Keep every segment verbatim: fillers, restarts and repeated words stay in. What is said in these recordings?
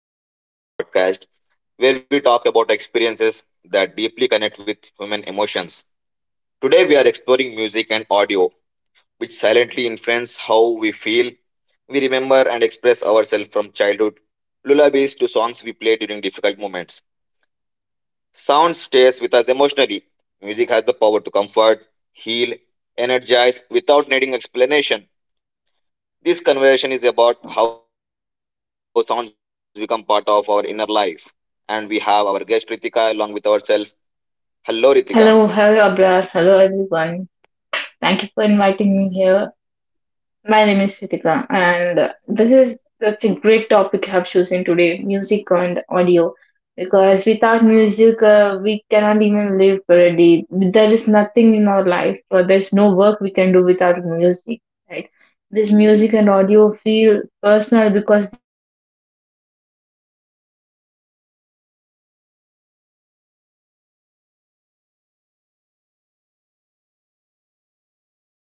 welcome back to our podcast where we talk about experiences that deeply connect with human emotions. Today, we are exploring music and audio, which silently influence how we feel, we remember, and express ourselves from childhood lullabies to songs we play during difficult moments. Sound stays with us emotionally. Music has the power to comfort, heal, energize without needing explanation. This conversation is about how sounds become part of our inner life. And we have our guest Ritika along with ourselves. Hello, Ritika. Hello, hello Abrar, hello everyone. Thank you for inviting me here. My name is Ritika, and uh, this is such a great topic I've chosen today music and audio. Because without music, uh, we cannot even live for a day. There is nothing in our life, or there's no work we can do without music, right? This music and audio feel personal because they connect directly to our emotions and memories. A single song can instantly bring back the moments we thought we had forgotten, and sound reaches place,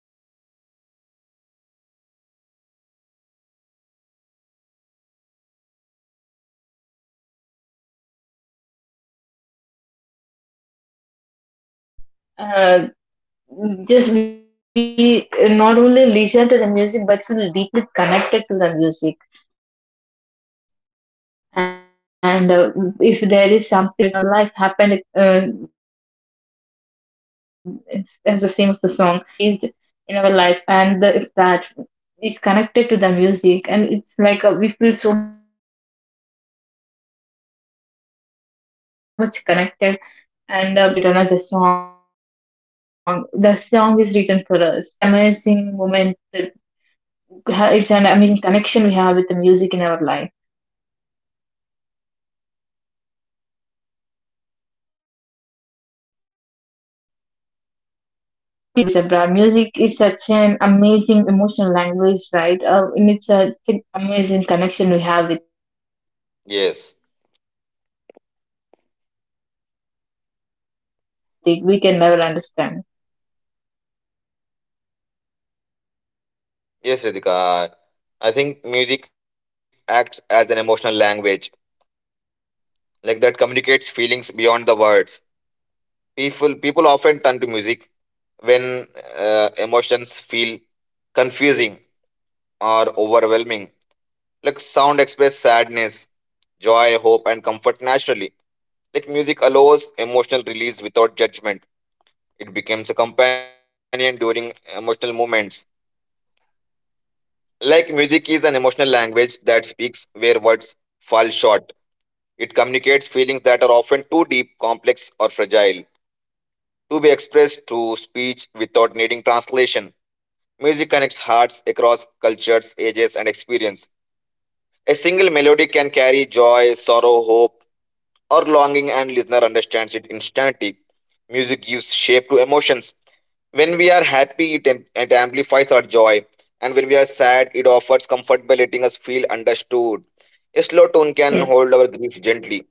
places words cannot always reach. It creates an emotional safety and understanding. That is why music feels deeply human. And when we think about music, we cannot uh, just we uh, not only listen to the music but feel deeply connected to the music, and uh, if there is something related in our life happened, uh, as the same as the song or any situations that we have faced in our life, and the, if that is connected to the music, and it's like uh, we feel so much connected, and uh, we feel like uh, the, our life has been written as a song, the song is written for us. Right? It is such an amazing moment that ha- it's an amazing connection we have with the music in our life. What do you think about this, Abra? Music is such an Yes. amazing emotional language, right? Uh, and it's a- such an amazing connection we have with it. We can never understand. Yes, Ritika. I think music acts as an emotional language, like that communicates feelings beyond the words. People, people often turn to music when uh, emotions feel confusing or overwhelming. Like sound express sadness, joy, hope, and comfort naturally. Like music allows emotional release without judgment. It becomes a companion during emotional moments. Like music is an emotional language that speaks where words fall short. It communicates feelings that are often too deep, complex, or fragile to be expressed through speech without needing translation. Music connects hearts across cultures, ages, and experience. A single melody can carry joy, sorrow, hope, or longing and listener understands it instantly. Music gives shape to emotions. When we are happy, it, am- it amplifies our joy. And when we are sad, it offers comfort by letting us feel understood. A slow tone can Yes. hold our grief gently,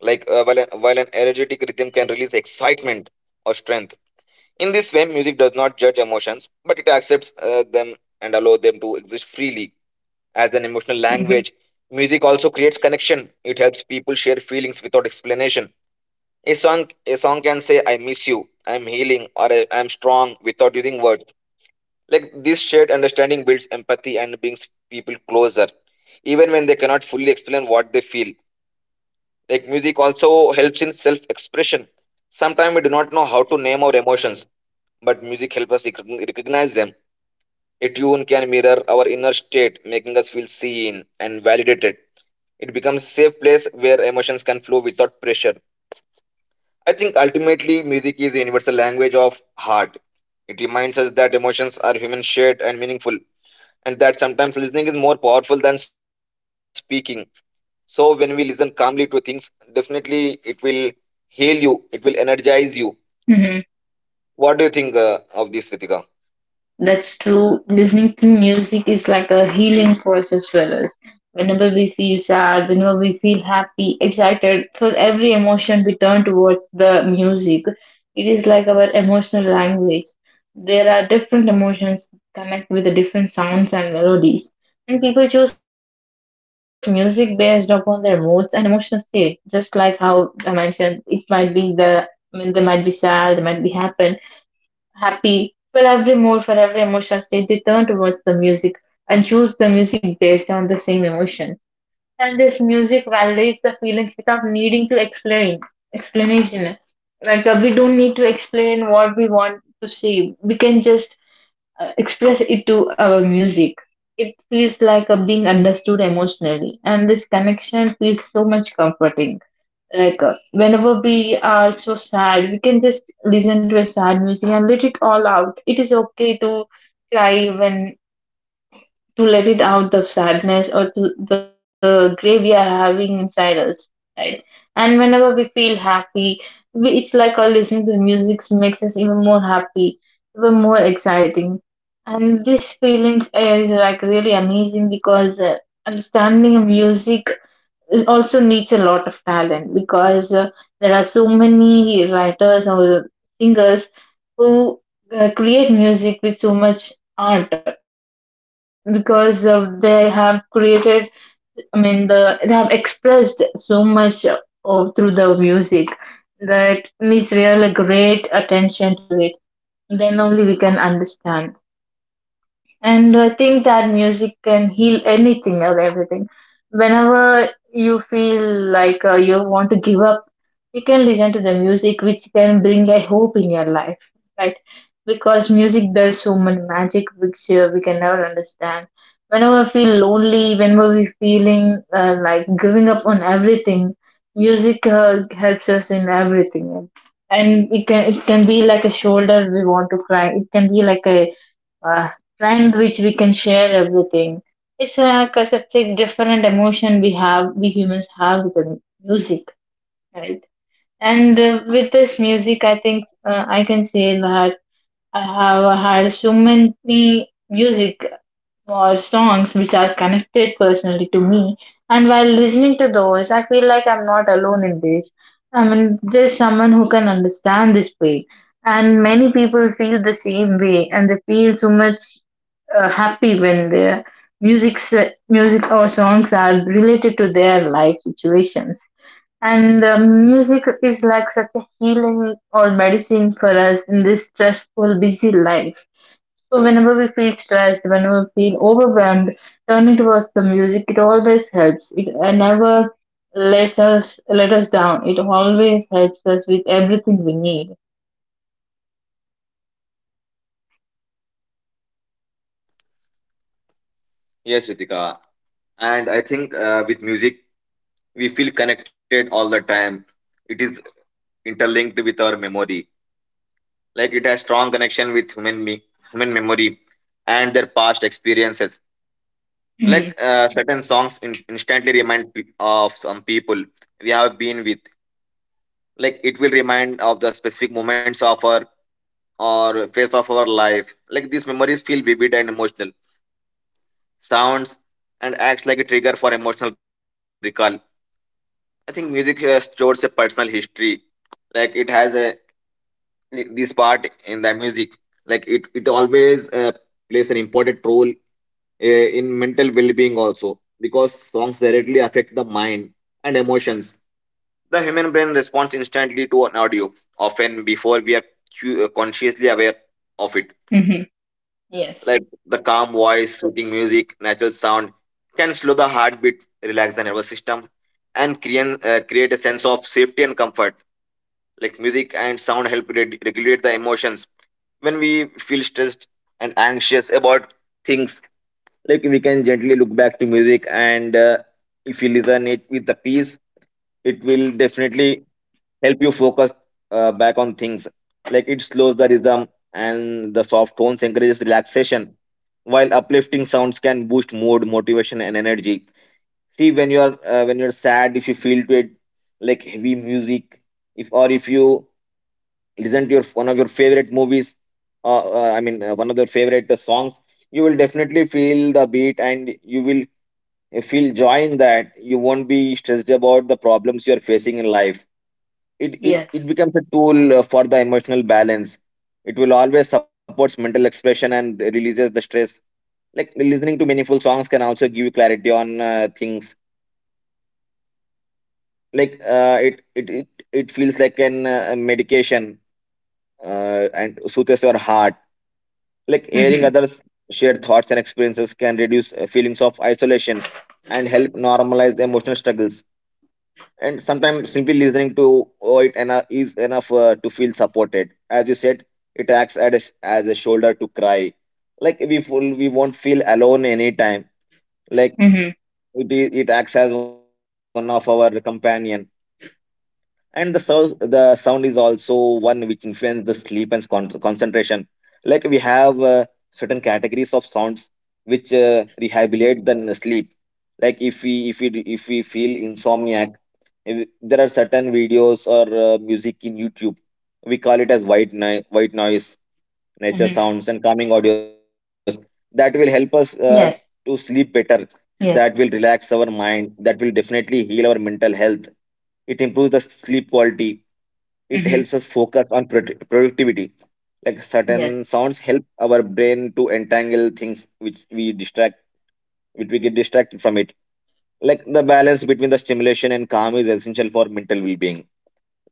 like uh, while, an, while an energetic rhythm can release excitement or strength. In this way, music does not judge emotions, but it accepts uh, them and allows them to exist freely. As an emotional Hmm. language, music also creates connection. It helps people share feelings without explanation. A song, a song can say, I miss you, I'm healing, or I am strong without using words. Like this shared understanding builds empathy and brings people closer, even when they cannot fully explain what they feel. Like music also helps in self expression. Sometimes we do not know how to name our emotions, but music helps us recogn- recognize them. A tune can mirror our inner state, making us feel seen and validated. It becomes a safe place where emotions can flow without pressure. I think ultimately music is a universal language of heart. It reminds us that emotions are human shared and meaningful, and that sometimes listening is more powerful than speaking. So when we listen calmly to things, definitely it will heal you, it will energize you. Hmm. What do you think uh, of this, Ritika? That's true. Listening to music is like a healing process for us. Whenever we feel sad, whenever we feel happy, excited, for every emotion we turn towards the music. It is like our emotional language. There are different emotions connect with the different sounds and melodies. And people choose music based upon their moods and emotional state. Just like how I mentioned, it might be the, I mean, they might be sad, they might be happy happy, for every mood, for every emotion state, they turn towards the music and choose the music based on the same emotion. And this music validates the feelings without needing to explain explanation. Like uh, we don't need to explain what we want to say. We can just uh, express it to our music. It feels like uh, being understood emotionally, and this connection feels so much comforting. Like uh, whenever we are so sad, we can just listen to a sad music and let it all out. It is okay to cry, when to let it out the sadness, or to the grief we are having inside us, right? And whenever we feel happy, we, it's like our listening to music makes us even more happy, even more exciting. And this feelings is like really amazing because uh, understanding music, it also needs a lot of talent because uh, there are so many writers or singers who uh, create music with so much art, because of they have created I mean the they have expressed so much uh, of through the music, that needs real great attention to it, then only we can understand. And I think that music can heal anything or everything. Whenever you feel like uh, you want to give up, you can listen to the music, which can bring a hope in your life, because music does so much magic, which uh, we can never understand. Whenever we feel lonely, whenever we're feeling uh, like giving up on everything, music uh, helps us in everything. And it can it can be like a shoulder we want to cry. It can be like a uh, trend which we can share everything. It's like a, such a different emotion we have, we humans have with the music, right? And uh, with this music, I think uh, I can say that I have had so many music or songs which are connected personally to me. And while listening to those, I feel like I'm not alone in this. I mean, there's someone who can understand this pain, and many people feel the same way, and they feel so much uh, happy when their music music or songs are related to their life situations. And um, music is like such a healing or medicine for us in this stressful busy life. So whenever we feel stressed, whenever we feel overwhelmed, turning towards the music, it always helps. It uh, never lets us let us down. It always helps us with everything we need. Yes, Ritika. And I think uh, with music, we feel connected all the time. It is interlinked with our memory. Like it has strong connection with human me- human memory and their past experiences. Like Hmm. uh, certain songs in, instantly remind pe- of some people we have been with. Like it will remind of the specific moments of our or phase of our life. Like these memories feel vivid and emotional. Sounds and acts like a trigger for emotional recall. I think music uh, stores a personal history. Like it has a, like, this part in the music, like it it always uh, plays an important role uh, in mental well-being also, because songs directly affect the mind and emotions. The human brain responds instantly to an audio, often before we are cu- uh, consciously aware of it. Hmm. Like the calm Yes. voice, soothing music, natural sound can slow the heartbeat, relax the nervous system, and create, uh, create a sense of safety and comfort. Like music and sound help re- regulate the emotions. When we feel stressed and anxious about things, like we can gently look back to music, and uh, if we listen it with the peace, it will definitely help you focus uh, back on things. Like it slows the rhythm and the soft tones encourages relaxation, while uplifting sounds can boost mood, motivation, and energy. See, when you are uh, when you're sad, if you feel to it like heavy music, if or if you listen to your one of your favorite movies, uh, uh, I mean uh, one of your favorite uh, songs, you will definitely feel the beat and you will feel joy in that. You won't be stressed about the problems you are facing in life. It, it, it Yes. becomes a tool uh, for the emotional balance. It will always supports mental expression and releases the stress. Like listening to meaningful songs can also give you clarity on uh, things. Like uh, it, it it it feels like an uh, medication uh, and soothes your heart. Like hearing Hmm. others share thoughts and experiences can reduce uh, feelings of isolation and help normalize emotional struggles. And sometimes simply listening to oh, it enough is enough uh, to feel supported. As you said, it acts as a, sh- as a shoulder to cry. Like we full, we won't feel alone anytime. Like Hmm. it, is, it acts as one of our companion. And the sound, the sound is also one which influences the sleep and con- concentration. Like we have uh, certain categories of sounds which uh, rehabilitate the n- sleep. Like if we if we if we feel insomnia, if there are certain videos or uh, music in YouTube. We call it as white noise, white noise, nature Hmm. sounds, and calming audios. That will help us uh, to Yes. sleep better. That will Yes. relax our mind. That will definitely heal our mental health. It improves the sleep quality. It helps Mm-hmm. us focus on produ- productivity. Like certain Yes. sounds help our brain to entangle things which we distract, which we get distracted from it. Like the balance between the stimulation and calm is essential for mental well-being.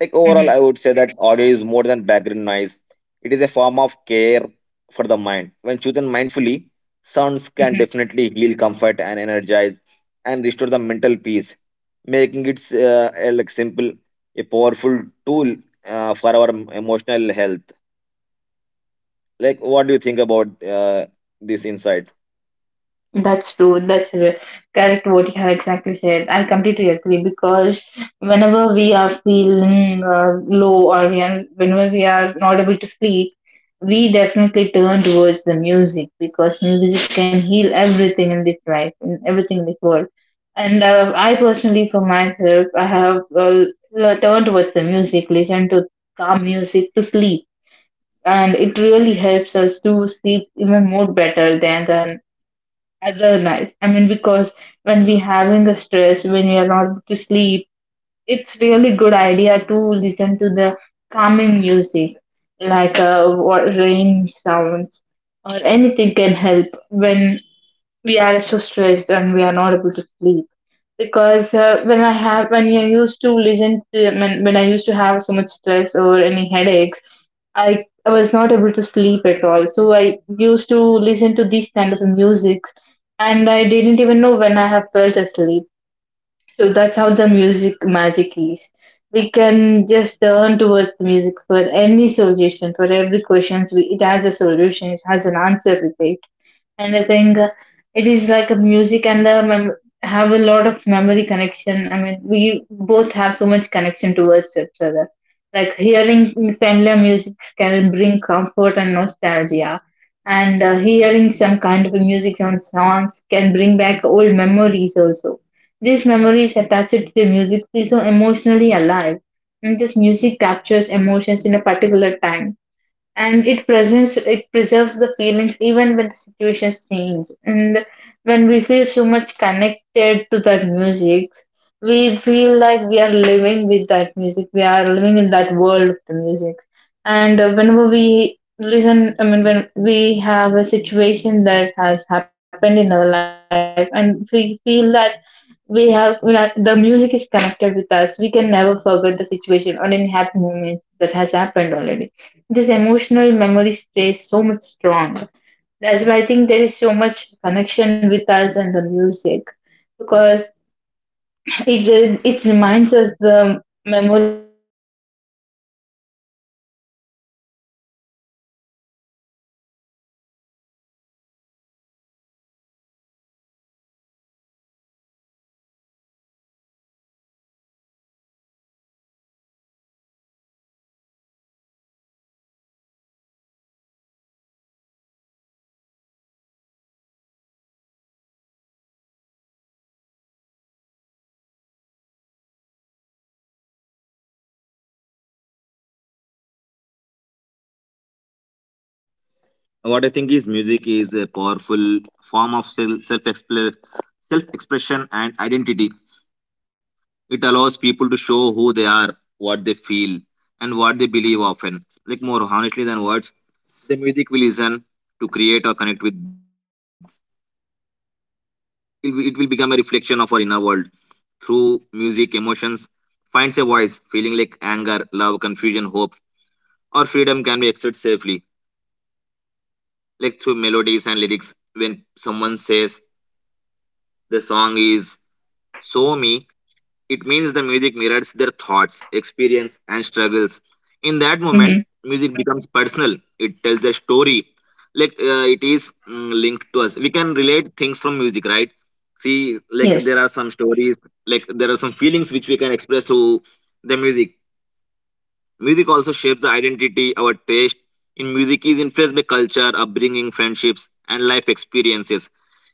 Like overall, Mm-hmm. I would say that audio is more than background noise. It is a form of care for the mind. When chosen mindfully, sounds can Mm-hmm. definitely heal, comfort, and energize, and restore the mental peace, making it uh, a, like simple, a powerful tool uh, for our emotional health. Like, what do you think about uh, this insight? That's true. That's r- correct what you have exactly said. I completely agree because whenever we are feeling uh, low, or we are, whenever we are not able to sleep, we definitely turn towards the music because music can heal everything in this life and everything in this world. And uh, I personally, for myself, I have uh, l- turned towards the music, listen to calm music to sleep, and it really helps us to sleep even more better than than other nights. I mean, because when we having a stress, when we are not able to sleep, it's really good idea to listen to the calming music, like uh, wa- rain sounds or anything can help when we are so stressed and we are not able to sleep. Because uh, when I have when I used to listen to when, when I used to have so much stress or any headaches, I I was not able to sleep at all. So I used to listen to these kind of music, and I didn't even know when I have felt asleep. So that's how the music magic is. We can just turn towards the music for any solution, for every questions. We, it has a solution. It has an answer with it. And I think uh, it is like a music and the mem- have a lot of memory connection. I mean, we both have so much connection towards each other. Like hearing familiar music can bring comfort and nostalgia, and uh, hearing some kind of music on songs can bring back old memories also. These memories attached to the music feel so emotionally alive, and this music captures emotions in a particular time, and it presents it preserves the feelings even when the situations change. And when we feel so much connected to that music, we feel like we are living with that music, we are living in that world of the music. And uh, whenever we listen I mean when we have a situation that has happened in our life, and we feel that we have we are, the music is connected with us, we can never forget the situation or any happy moments that has happened already. This emotional memory stays so much strong. That's why I think there is so much connection with us and the music, because it, uh, it reminds us the memories we used to have, the uh, happy moments we used to have with the uh, others, and it remembers it, it, even though we forget. So it's really so fascinating and nostalgic how we turn towards the music for every solution, and the music never disappoint us. The sounds or music and the background, everything is like lighten up our mood. Mm, you never disappoint us, never, I mean, uh, make us feel even more stressful. It just uh, it uh, reduces our, our What I stress, think is and uh, music is helps a us feel more powerful better. form of self self expression and identity. It allows people to show who they are, what they feel, and what they believe, often like more honestly than words. The music we listen to, create, or connect with, it will, it will become a reflection of our inner world. Through music, emotions finds a voice. Feeling like anger, love, confusion, hope, or freedom can be expressed safely, like through melodies and lyrics. When someone says the song is so me, it means the music mirrors their thoughts, experience, and struggles. In that moment, Mm-hmm. music becomes personal. It tells their story. Like uh, it is mm, linked to us. We can relate things from music, right? See, like there are Yes. some stories, like there are some feelings which we can express through the music. Music also shapes the identity. Our taste in music is influenced by culture, upbringing, friendships, and life experiences.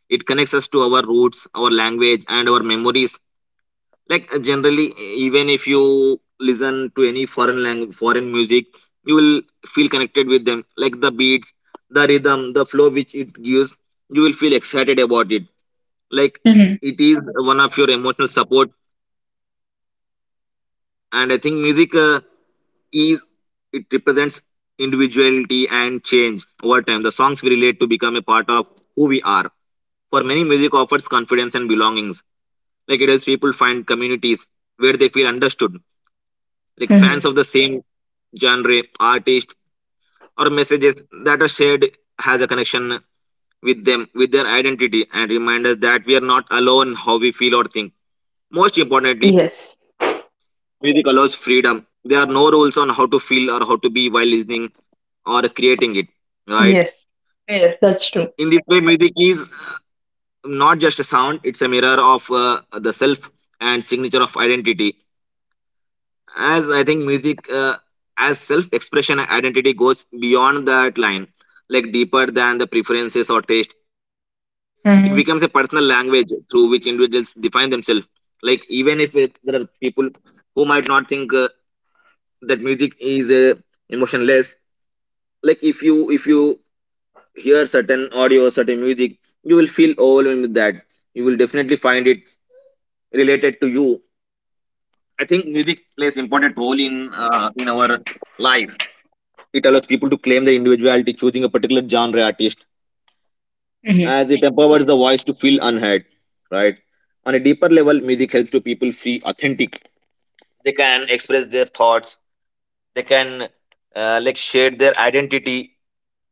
It connects us to our roots, our language, and our memories. Like uh, generally, e- even if you listen to any foreign language, foreign music, you will feel connected with them. Like the beats, the rhythm, the flow which it gives, you will feel excited about it. Like Mm-hmm. it is one of your emotional support. And I think music uh, is, it represents individuality and change over time. The songs we relate to become a part of who we are. For many, music offers confidence and belongings. Like it helps people find communities where they feel understood, like fans of Hmm. the same genre, artist, or messages that are shared has a connection with them, with their identity, and remind us that we are not alone in how we feel or think. Most importantly, Yes. music allows freedom. There are no rules on how to feel or how to be while listening or creating it. Right? Yes. Yes. In That's this true. way, music is not just a sound; it's a mirror of uh, the self and signature of identity. As I think music uh, as self-expression and identity goes beyond that line, like deeper than the preferences or taste. It becomes a personal Mm-hmm. language through which individuals define themselves. Like even if it, there are people who might not think uh, that music is uh, emotionless. Like if you if you hear certain audio, certain music, you will feel overwhelmed with that. You will definitely find it related to you. I think music plays important role in uh, in our life. It allows people to claim their individuality, choosing a particular genre artist, Mm-hmm. as it empowers the Yes. voice to feel unheard, right? On a deeper level, music helps to people feel authentic. They can express their thoughts. They can uh, like shade their identity.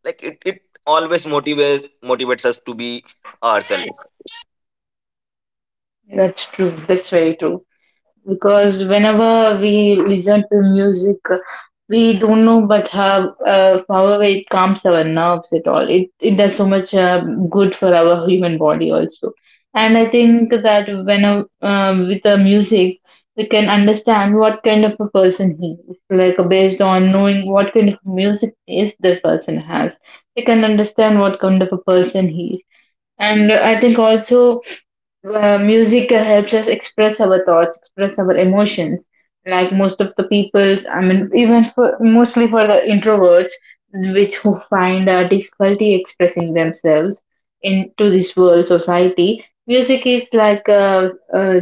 Like it, it always motivates motivates us to be ourselves. That's true. That's very true. Because whenever we listen to music, we don't know but how uh, however, it calms our nerves at all. It it does so much uh, good for our human body also. And I think that when uh, um, with the music, we can understand what kind of a person he is. Like based on knowing what kind of music is the person has, we can understand what kind of a person he is. And I think also uh, music uh, helps us express our thoughts, express our emotions. Like most of the people's, I mean, even for, mostly for the introverts, which who find uh, difficulty expressing themselves into this world society, music is like a, a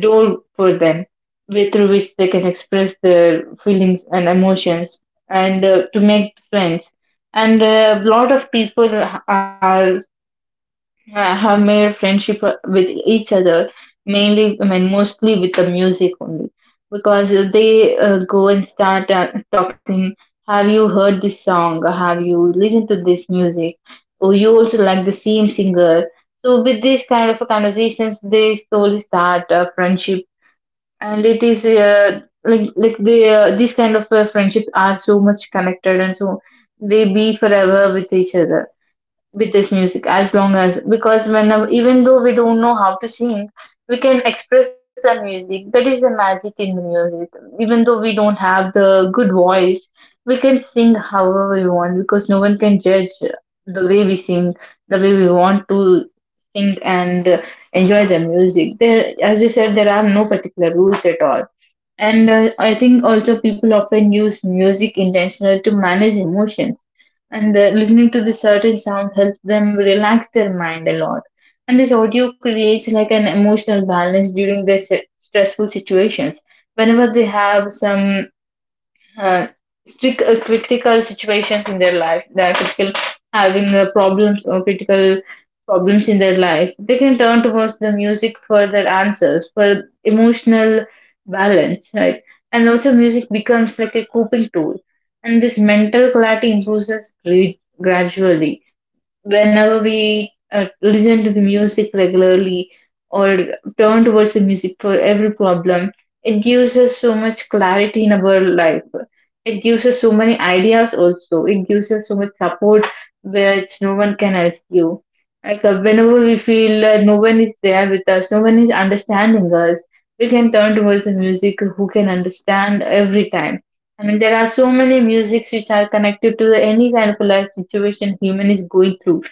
door for them, with through which they can express their feelings and emotions, and uh, to make friends. And a lot of people are, yeah, have made friendship uh, with each other, mainly, i mean mostly with the music only, because uh, they uh, go and start uh, talking. Have you heard this song? Have you listened to this music? Oh, you also like the same singer? So with this kind of conversations, they slowly start a friendship. And it is uh, like like they uh, these kind of uh, friendship are so much connected, and so they be forever with each other with this music, as long as, because when even though we don't know how to sing, we can express the music. That is the magic in the music. Even though we don't have the good voice, we can sing however we want because no one can judge the way we sing, the way we want to sing and enjoy the music there. As you said, there are no particular rules at all. And uh, I think also people often use music intentional to manage emotions. And uh, listening to the certain sounds helps them relax their mind a lot. And this audio creates like an emotional balance during the s- stressful situations. Whenever they have some uh, strict uh, critical situations in their life, they are critical, having uh, problems or critical problems in their life, they can turn towards the music for their answers, for emotional balance, right? And also music becomes like a coping tool, and this mental clarity improves us gra- gradually whenever we uh, listen to the music regularly or turn towards the music for every problem. It gives us so much clarity in our life. It gives us so many ideas also. It gives us so much support which no one can else give. Like uh, whenever we feel uh, no one is there with us, no one is understanding us, we can turn towards the music who can understand every time. I mean, there are so many musics which are connected to any kind of a life situation human is going through.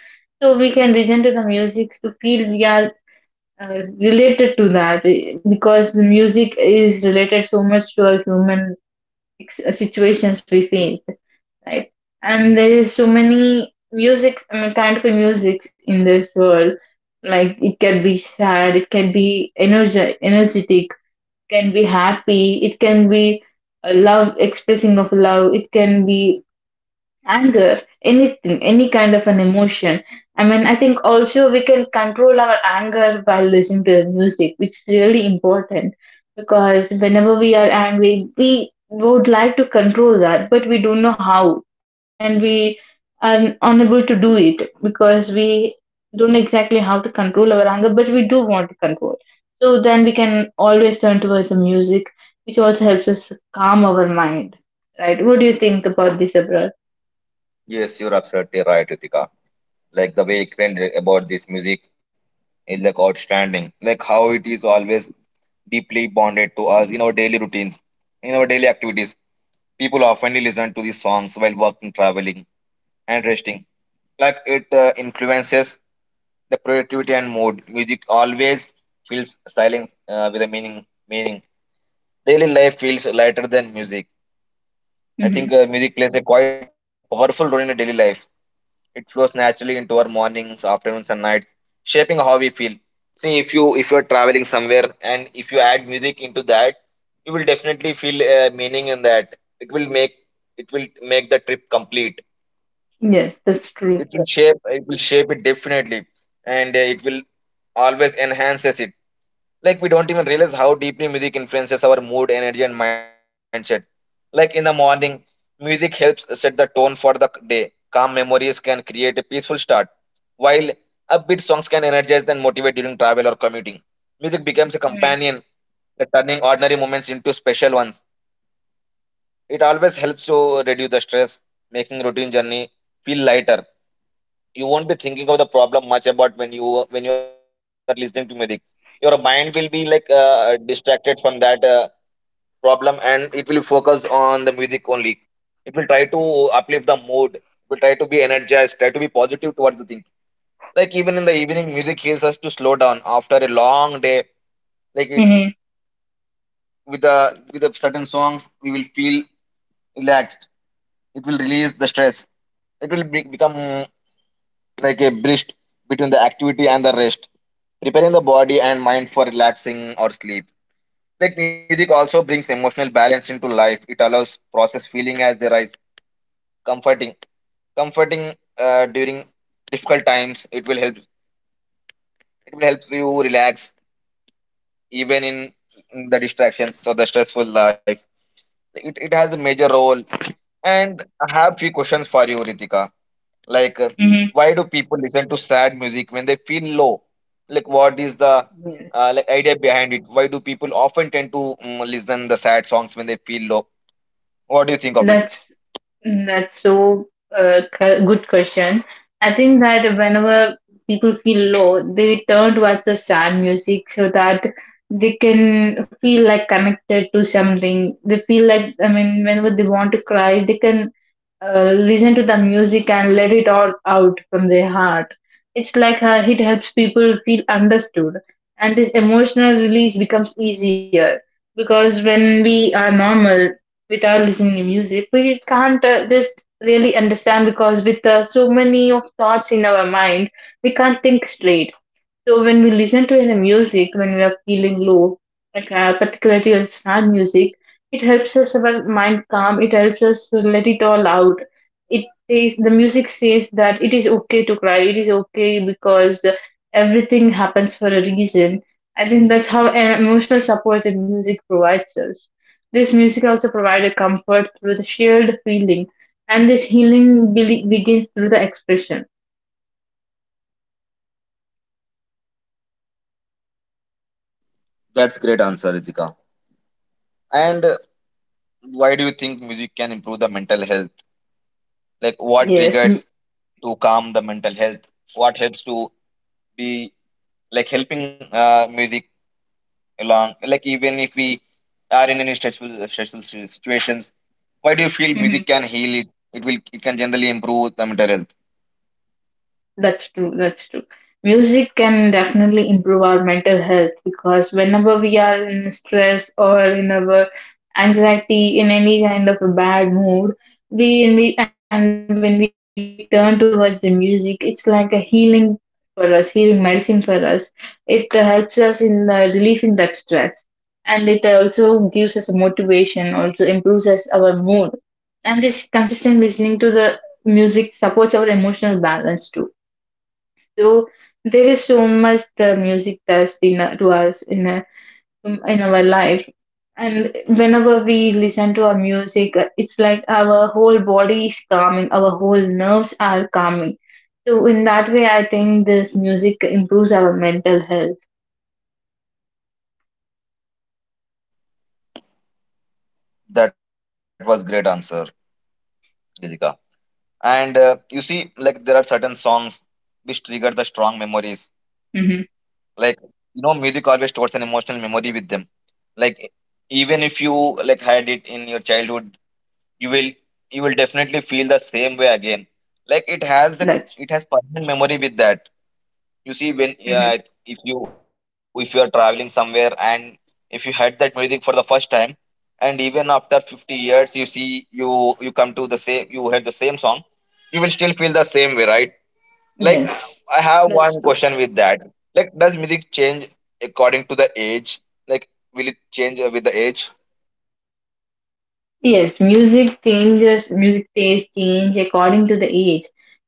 So we can listen to the music to feel we are uh, related to that, eh, because the music is related so much to our human ex- uh, situations we face, right? And there is so many music, I mean, kind of a music in this world. Like it can be sad, it can be energy, energetic, can be happy, it can be a love, expressing of love, it can be anger, anything, any kind of an emotion. I mean, I think also we can control our anger by listening to the music, which is really important, because whenever we are angry, we would like to control that, but we don't know how, and we are unable to do it because we don't know exactly how to control our anger, but we do want to control. So then we can always turn towards the music, which also helps us calm our mind, right? What do you think about this, Abra? Yes, you're absolutely right, Ritika. Like the way you explained about this music is like outstanding. Like how it is always deeply bonded to us in our daily routines, in our daily activities. People often listen to these songs while working, traveling, and resting. Like it uh, influences the productivity and mood. Music always feels silent uh, with a meaning. Meaning, daily life feels lighter than music. I think Mm-hmm. uh, music plays a quite powerful role in the daily life. It flows naturally into our mornings, afternoons, and nights, shaping how we feel. See, if you if you're traveling somewhere and if you add music into that, you will definitely feel uh, meaning in that. It will make it will make the trip complete. Yes, that's it true. will shape it will shape it definitely, and uh, it will always enhances it. Like we don't even realize how deeply music influences our mood, energy, and mindset. Like in the morning, music helps set the tone for the day. Calm memories can create a peaceful start, while upbeat songs can energize and motivate. During travel or commuting, music becomes a Mm-hmm. companion, uh, turning ordinary moments into special ones. It always helps to reduce the stress, making routine journey feel lighter. You won't be thinking of the problem much about when you when you are listening to music. Your mind will be like uh, distracted from that uh, problem, and it will focus on the music only. It will try to uplift the mood. It will try to be energized, try to be positive towards the thing. Like even in the evening, music helps us to slow down after a long day. Like it, with the with the certain songs, we will feel relaxed. It will release the stress. it will be, become like a bridge between the activity and the rest, preparing the body and mind for relaxing or sleep. Like music also brings emotional balance into life. It allows process feeling as they rise, comforting, comforting uh, during difficult times. It will help. It will help you relax even in, in the distractions or the stressful life. It, it has a major role. And I have few questions for you, Ritika. Like, uh, Mm-hmm. why do people listen to sad music when they feel low? Like, what is the Yes, uh, like idea behind it? Why do people often tend to mm, listen the sad songs when they feel low? What do you think of it? that's that's so uh, cu- good question. I think that whenever people feel low, they turn towards the sad music so that they can feel like connected to something. They feel like, I mean, whenever they want to cry, they can uh, listen to the music and let it all out from their heart. It's like uh, it helps people feel understood, and this emotional release becomes easier because when we are normal without listening to music, we can't uh, just really understand, because with uh, so many of thoughts in our mind, we can't think straight. So when we listen to any music when we are feeling low, like uh, particularly on sad music, it helps us our mind calm. It helps us to let it all out. It says, the music says that it is okay to cry. It is okay because everything happens for a reason. I think that's how an emotional support that music provides us. This music also provided comfort through the shared feeling, and this healing be- begins through the expression. That's great answer, Ritika. And uh, why do you think music can improve the mental health? Like, what Yes. triggers to calm the mental health? What helps to be, like helping uh, music? Along, like even if we are in any stressful stressful si- situations, why do you feel music Mhm. can heal it? It will, it can generally improve the mental health. That's true. That's true. Music can definitely improve our mental health because whenever we are in stress or in our anxiety, in any kind of a bad mood, we, we and when we turn towards the music, it's like a healing for us, healing medicine for us. It uh, helps us in uh, relieving that stress, and it also gives us motivation. Also improves us our mood, and this consistent listening to the music supports our emotional balance too. So there is so much the music does in a- to us in a, in our life, and whenever we listen to our music, uh, it's like our whole body is calming, our whole nerves are calming. So in that way, I think this music improves our mental health. That was great answer, Jessica. And uh, you see, like there are certain songs which trigger the strong memories. Hmm. Like, you know music always stores an emotional memory with them. like e- Even if you like had it in your childhood, you will you will definitely feel the same way again. Like it has the, That's it has permanent memory with that. You see, when hmm. uh, if you if you are traveling somewhere and if you heard that music for the first time, and even after fifty years, you see, you you come to the same, you heard the same song, you will still feel the same way, right? Like, uh, Yes, I have one that's true. question with that. Like, does music change according to the age? Like, will it change uh, with the age? Yes, music changes, music taste change according to the age.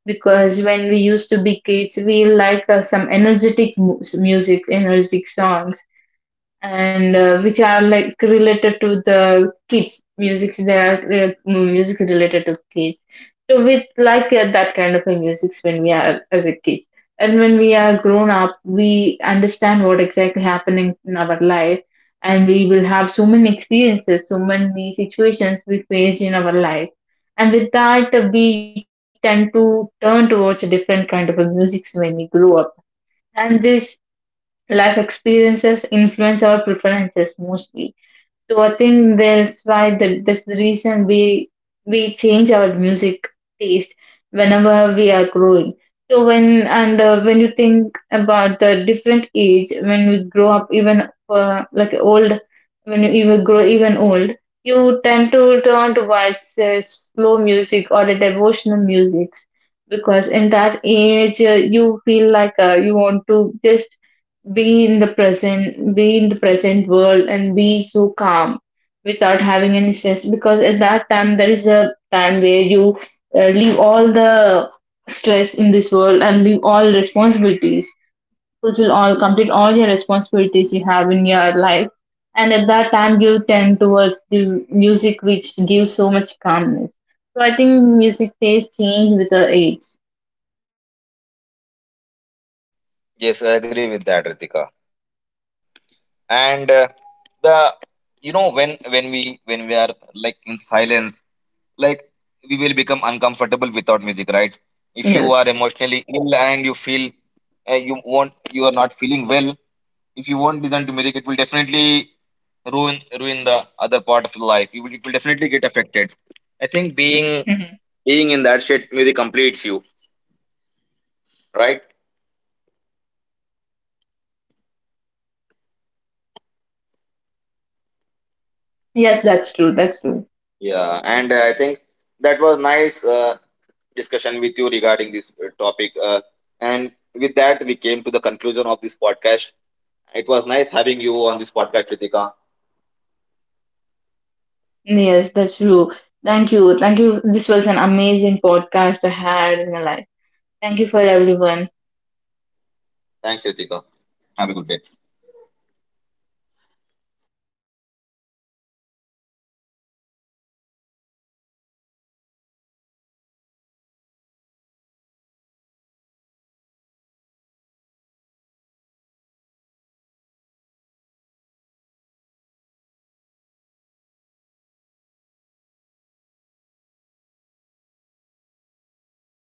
Because when we used to be kids, we like uh, some energetic mu- music, energetic songs, and uh, which are like related to the kids. Music that are uh, music related to kids, so we like that, that kind of a music when we are as a kid. And when we are grown up, we understand what exactly happening in our life, and we will have so many experiences, so many situations we faced in our life. And with that, uh, we tend to turn towards a different kind of a music when we grow up. And these life experiences influence our preferences mostly. So I think that's why the, that's the reason we we change our music taste whenever we are growing. So when and uh, when you think about the different age, when we grow up, even uh, like old, when you even grow even old, you tend to turn towards uh, slow music or the devotional music, because in that age uh, you feel like uh, you want to just be in the present, be in the present world, and be so calm without having any stress. Because at that time, there is a time where you uh, leave all the stress in this world and leave all responsibilities, fulfill all, complete all your responsibilities you have in your life. And at that time, you tend towards the music, which gives so much calmness. So I think music taste change with the age. Yes, I agree with that, Ritika. And uh, the, you know, when when we when we are like in silence, like we will become uncomfortable without music, right? If you are Yes. emotionally ill and you feel uh, you won't, you are not feeling well, if you won't listen to music, it will definitely ruin ruin the other part of life. You will, it will definitely get affected. I think being Mhm. being in that state, music completes you, right? Yes, that's true. That's true. Yeah, and uh, I think that was nice uh, discussion with you regarding this uh, topic, uh, and with that we came to the conclusion of this podcast. It was nice having you on this podcast, Ritika. Yes, that's true. Thank you. Thank you. This was an amazing podcast I had in my life. Thank you for everyone. Thanks, Ritika. Have a good day.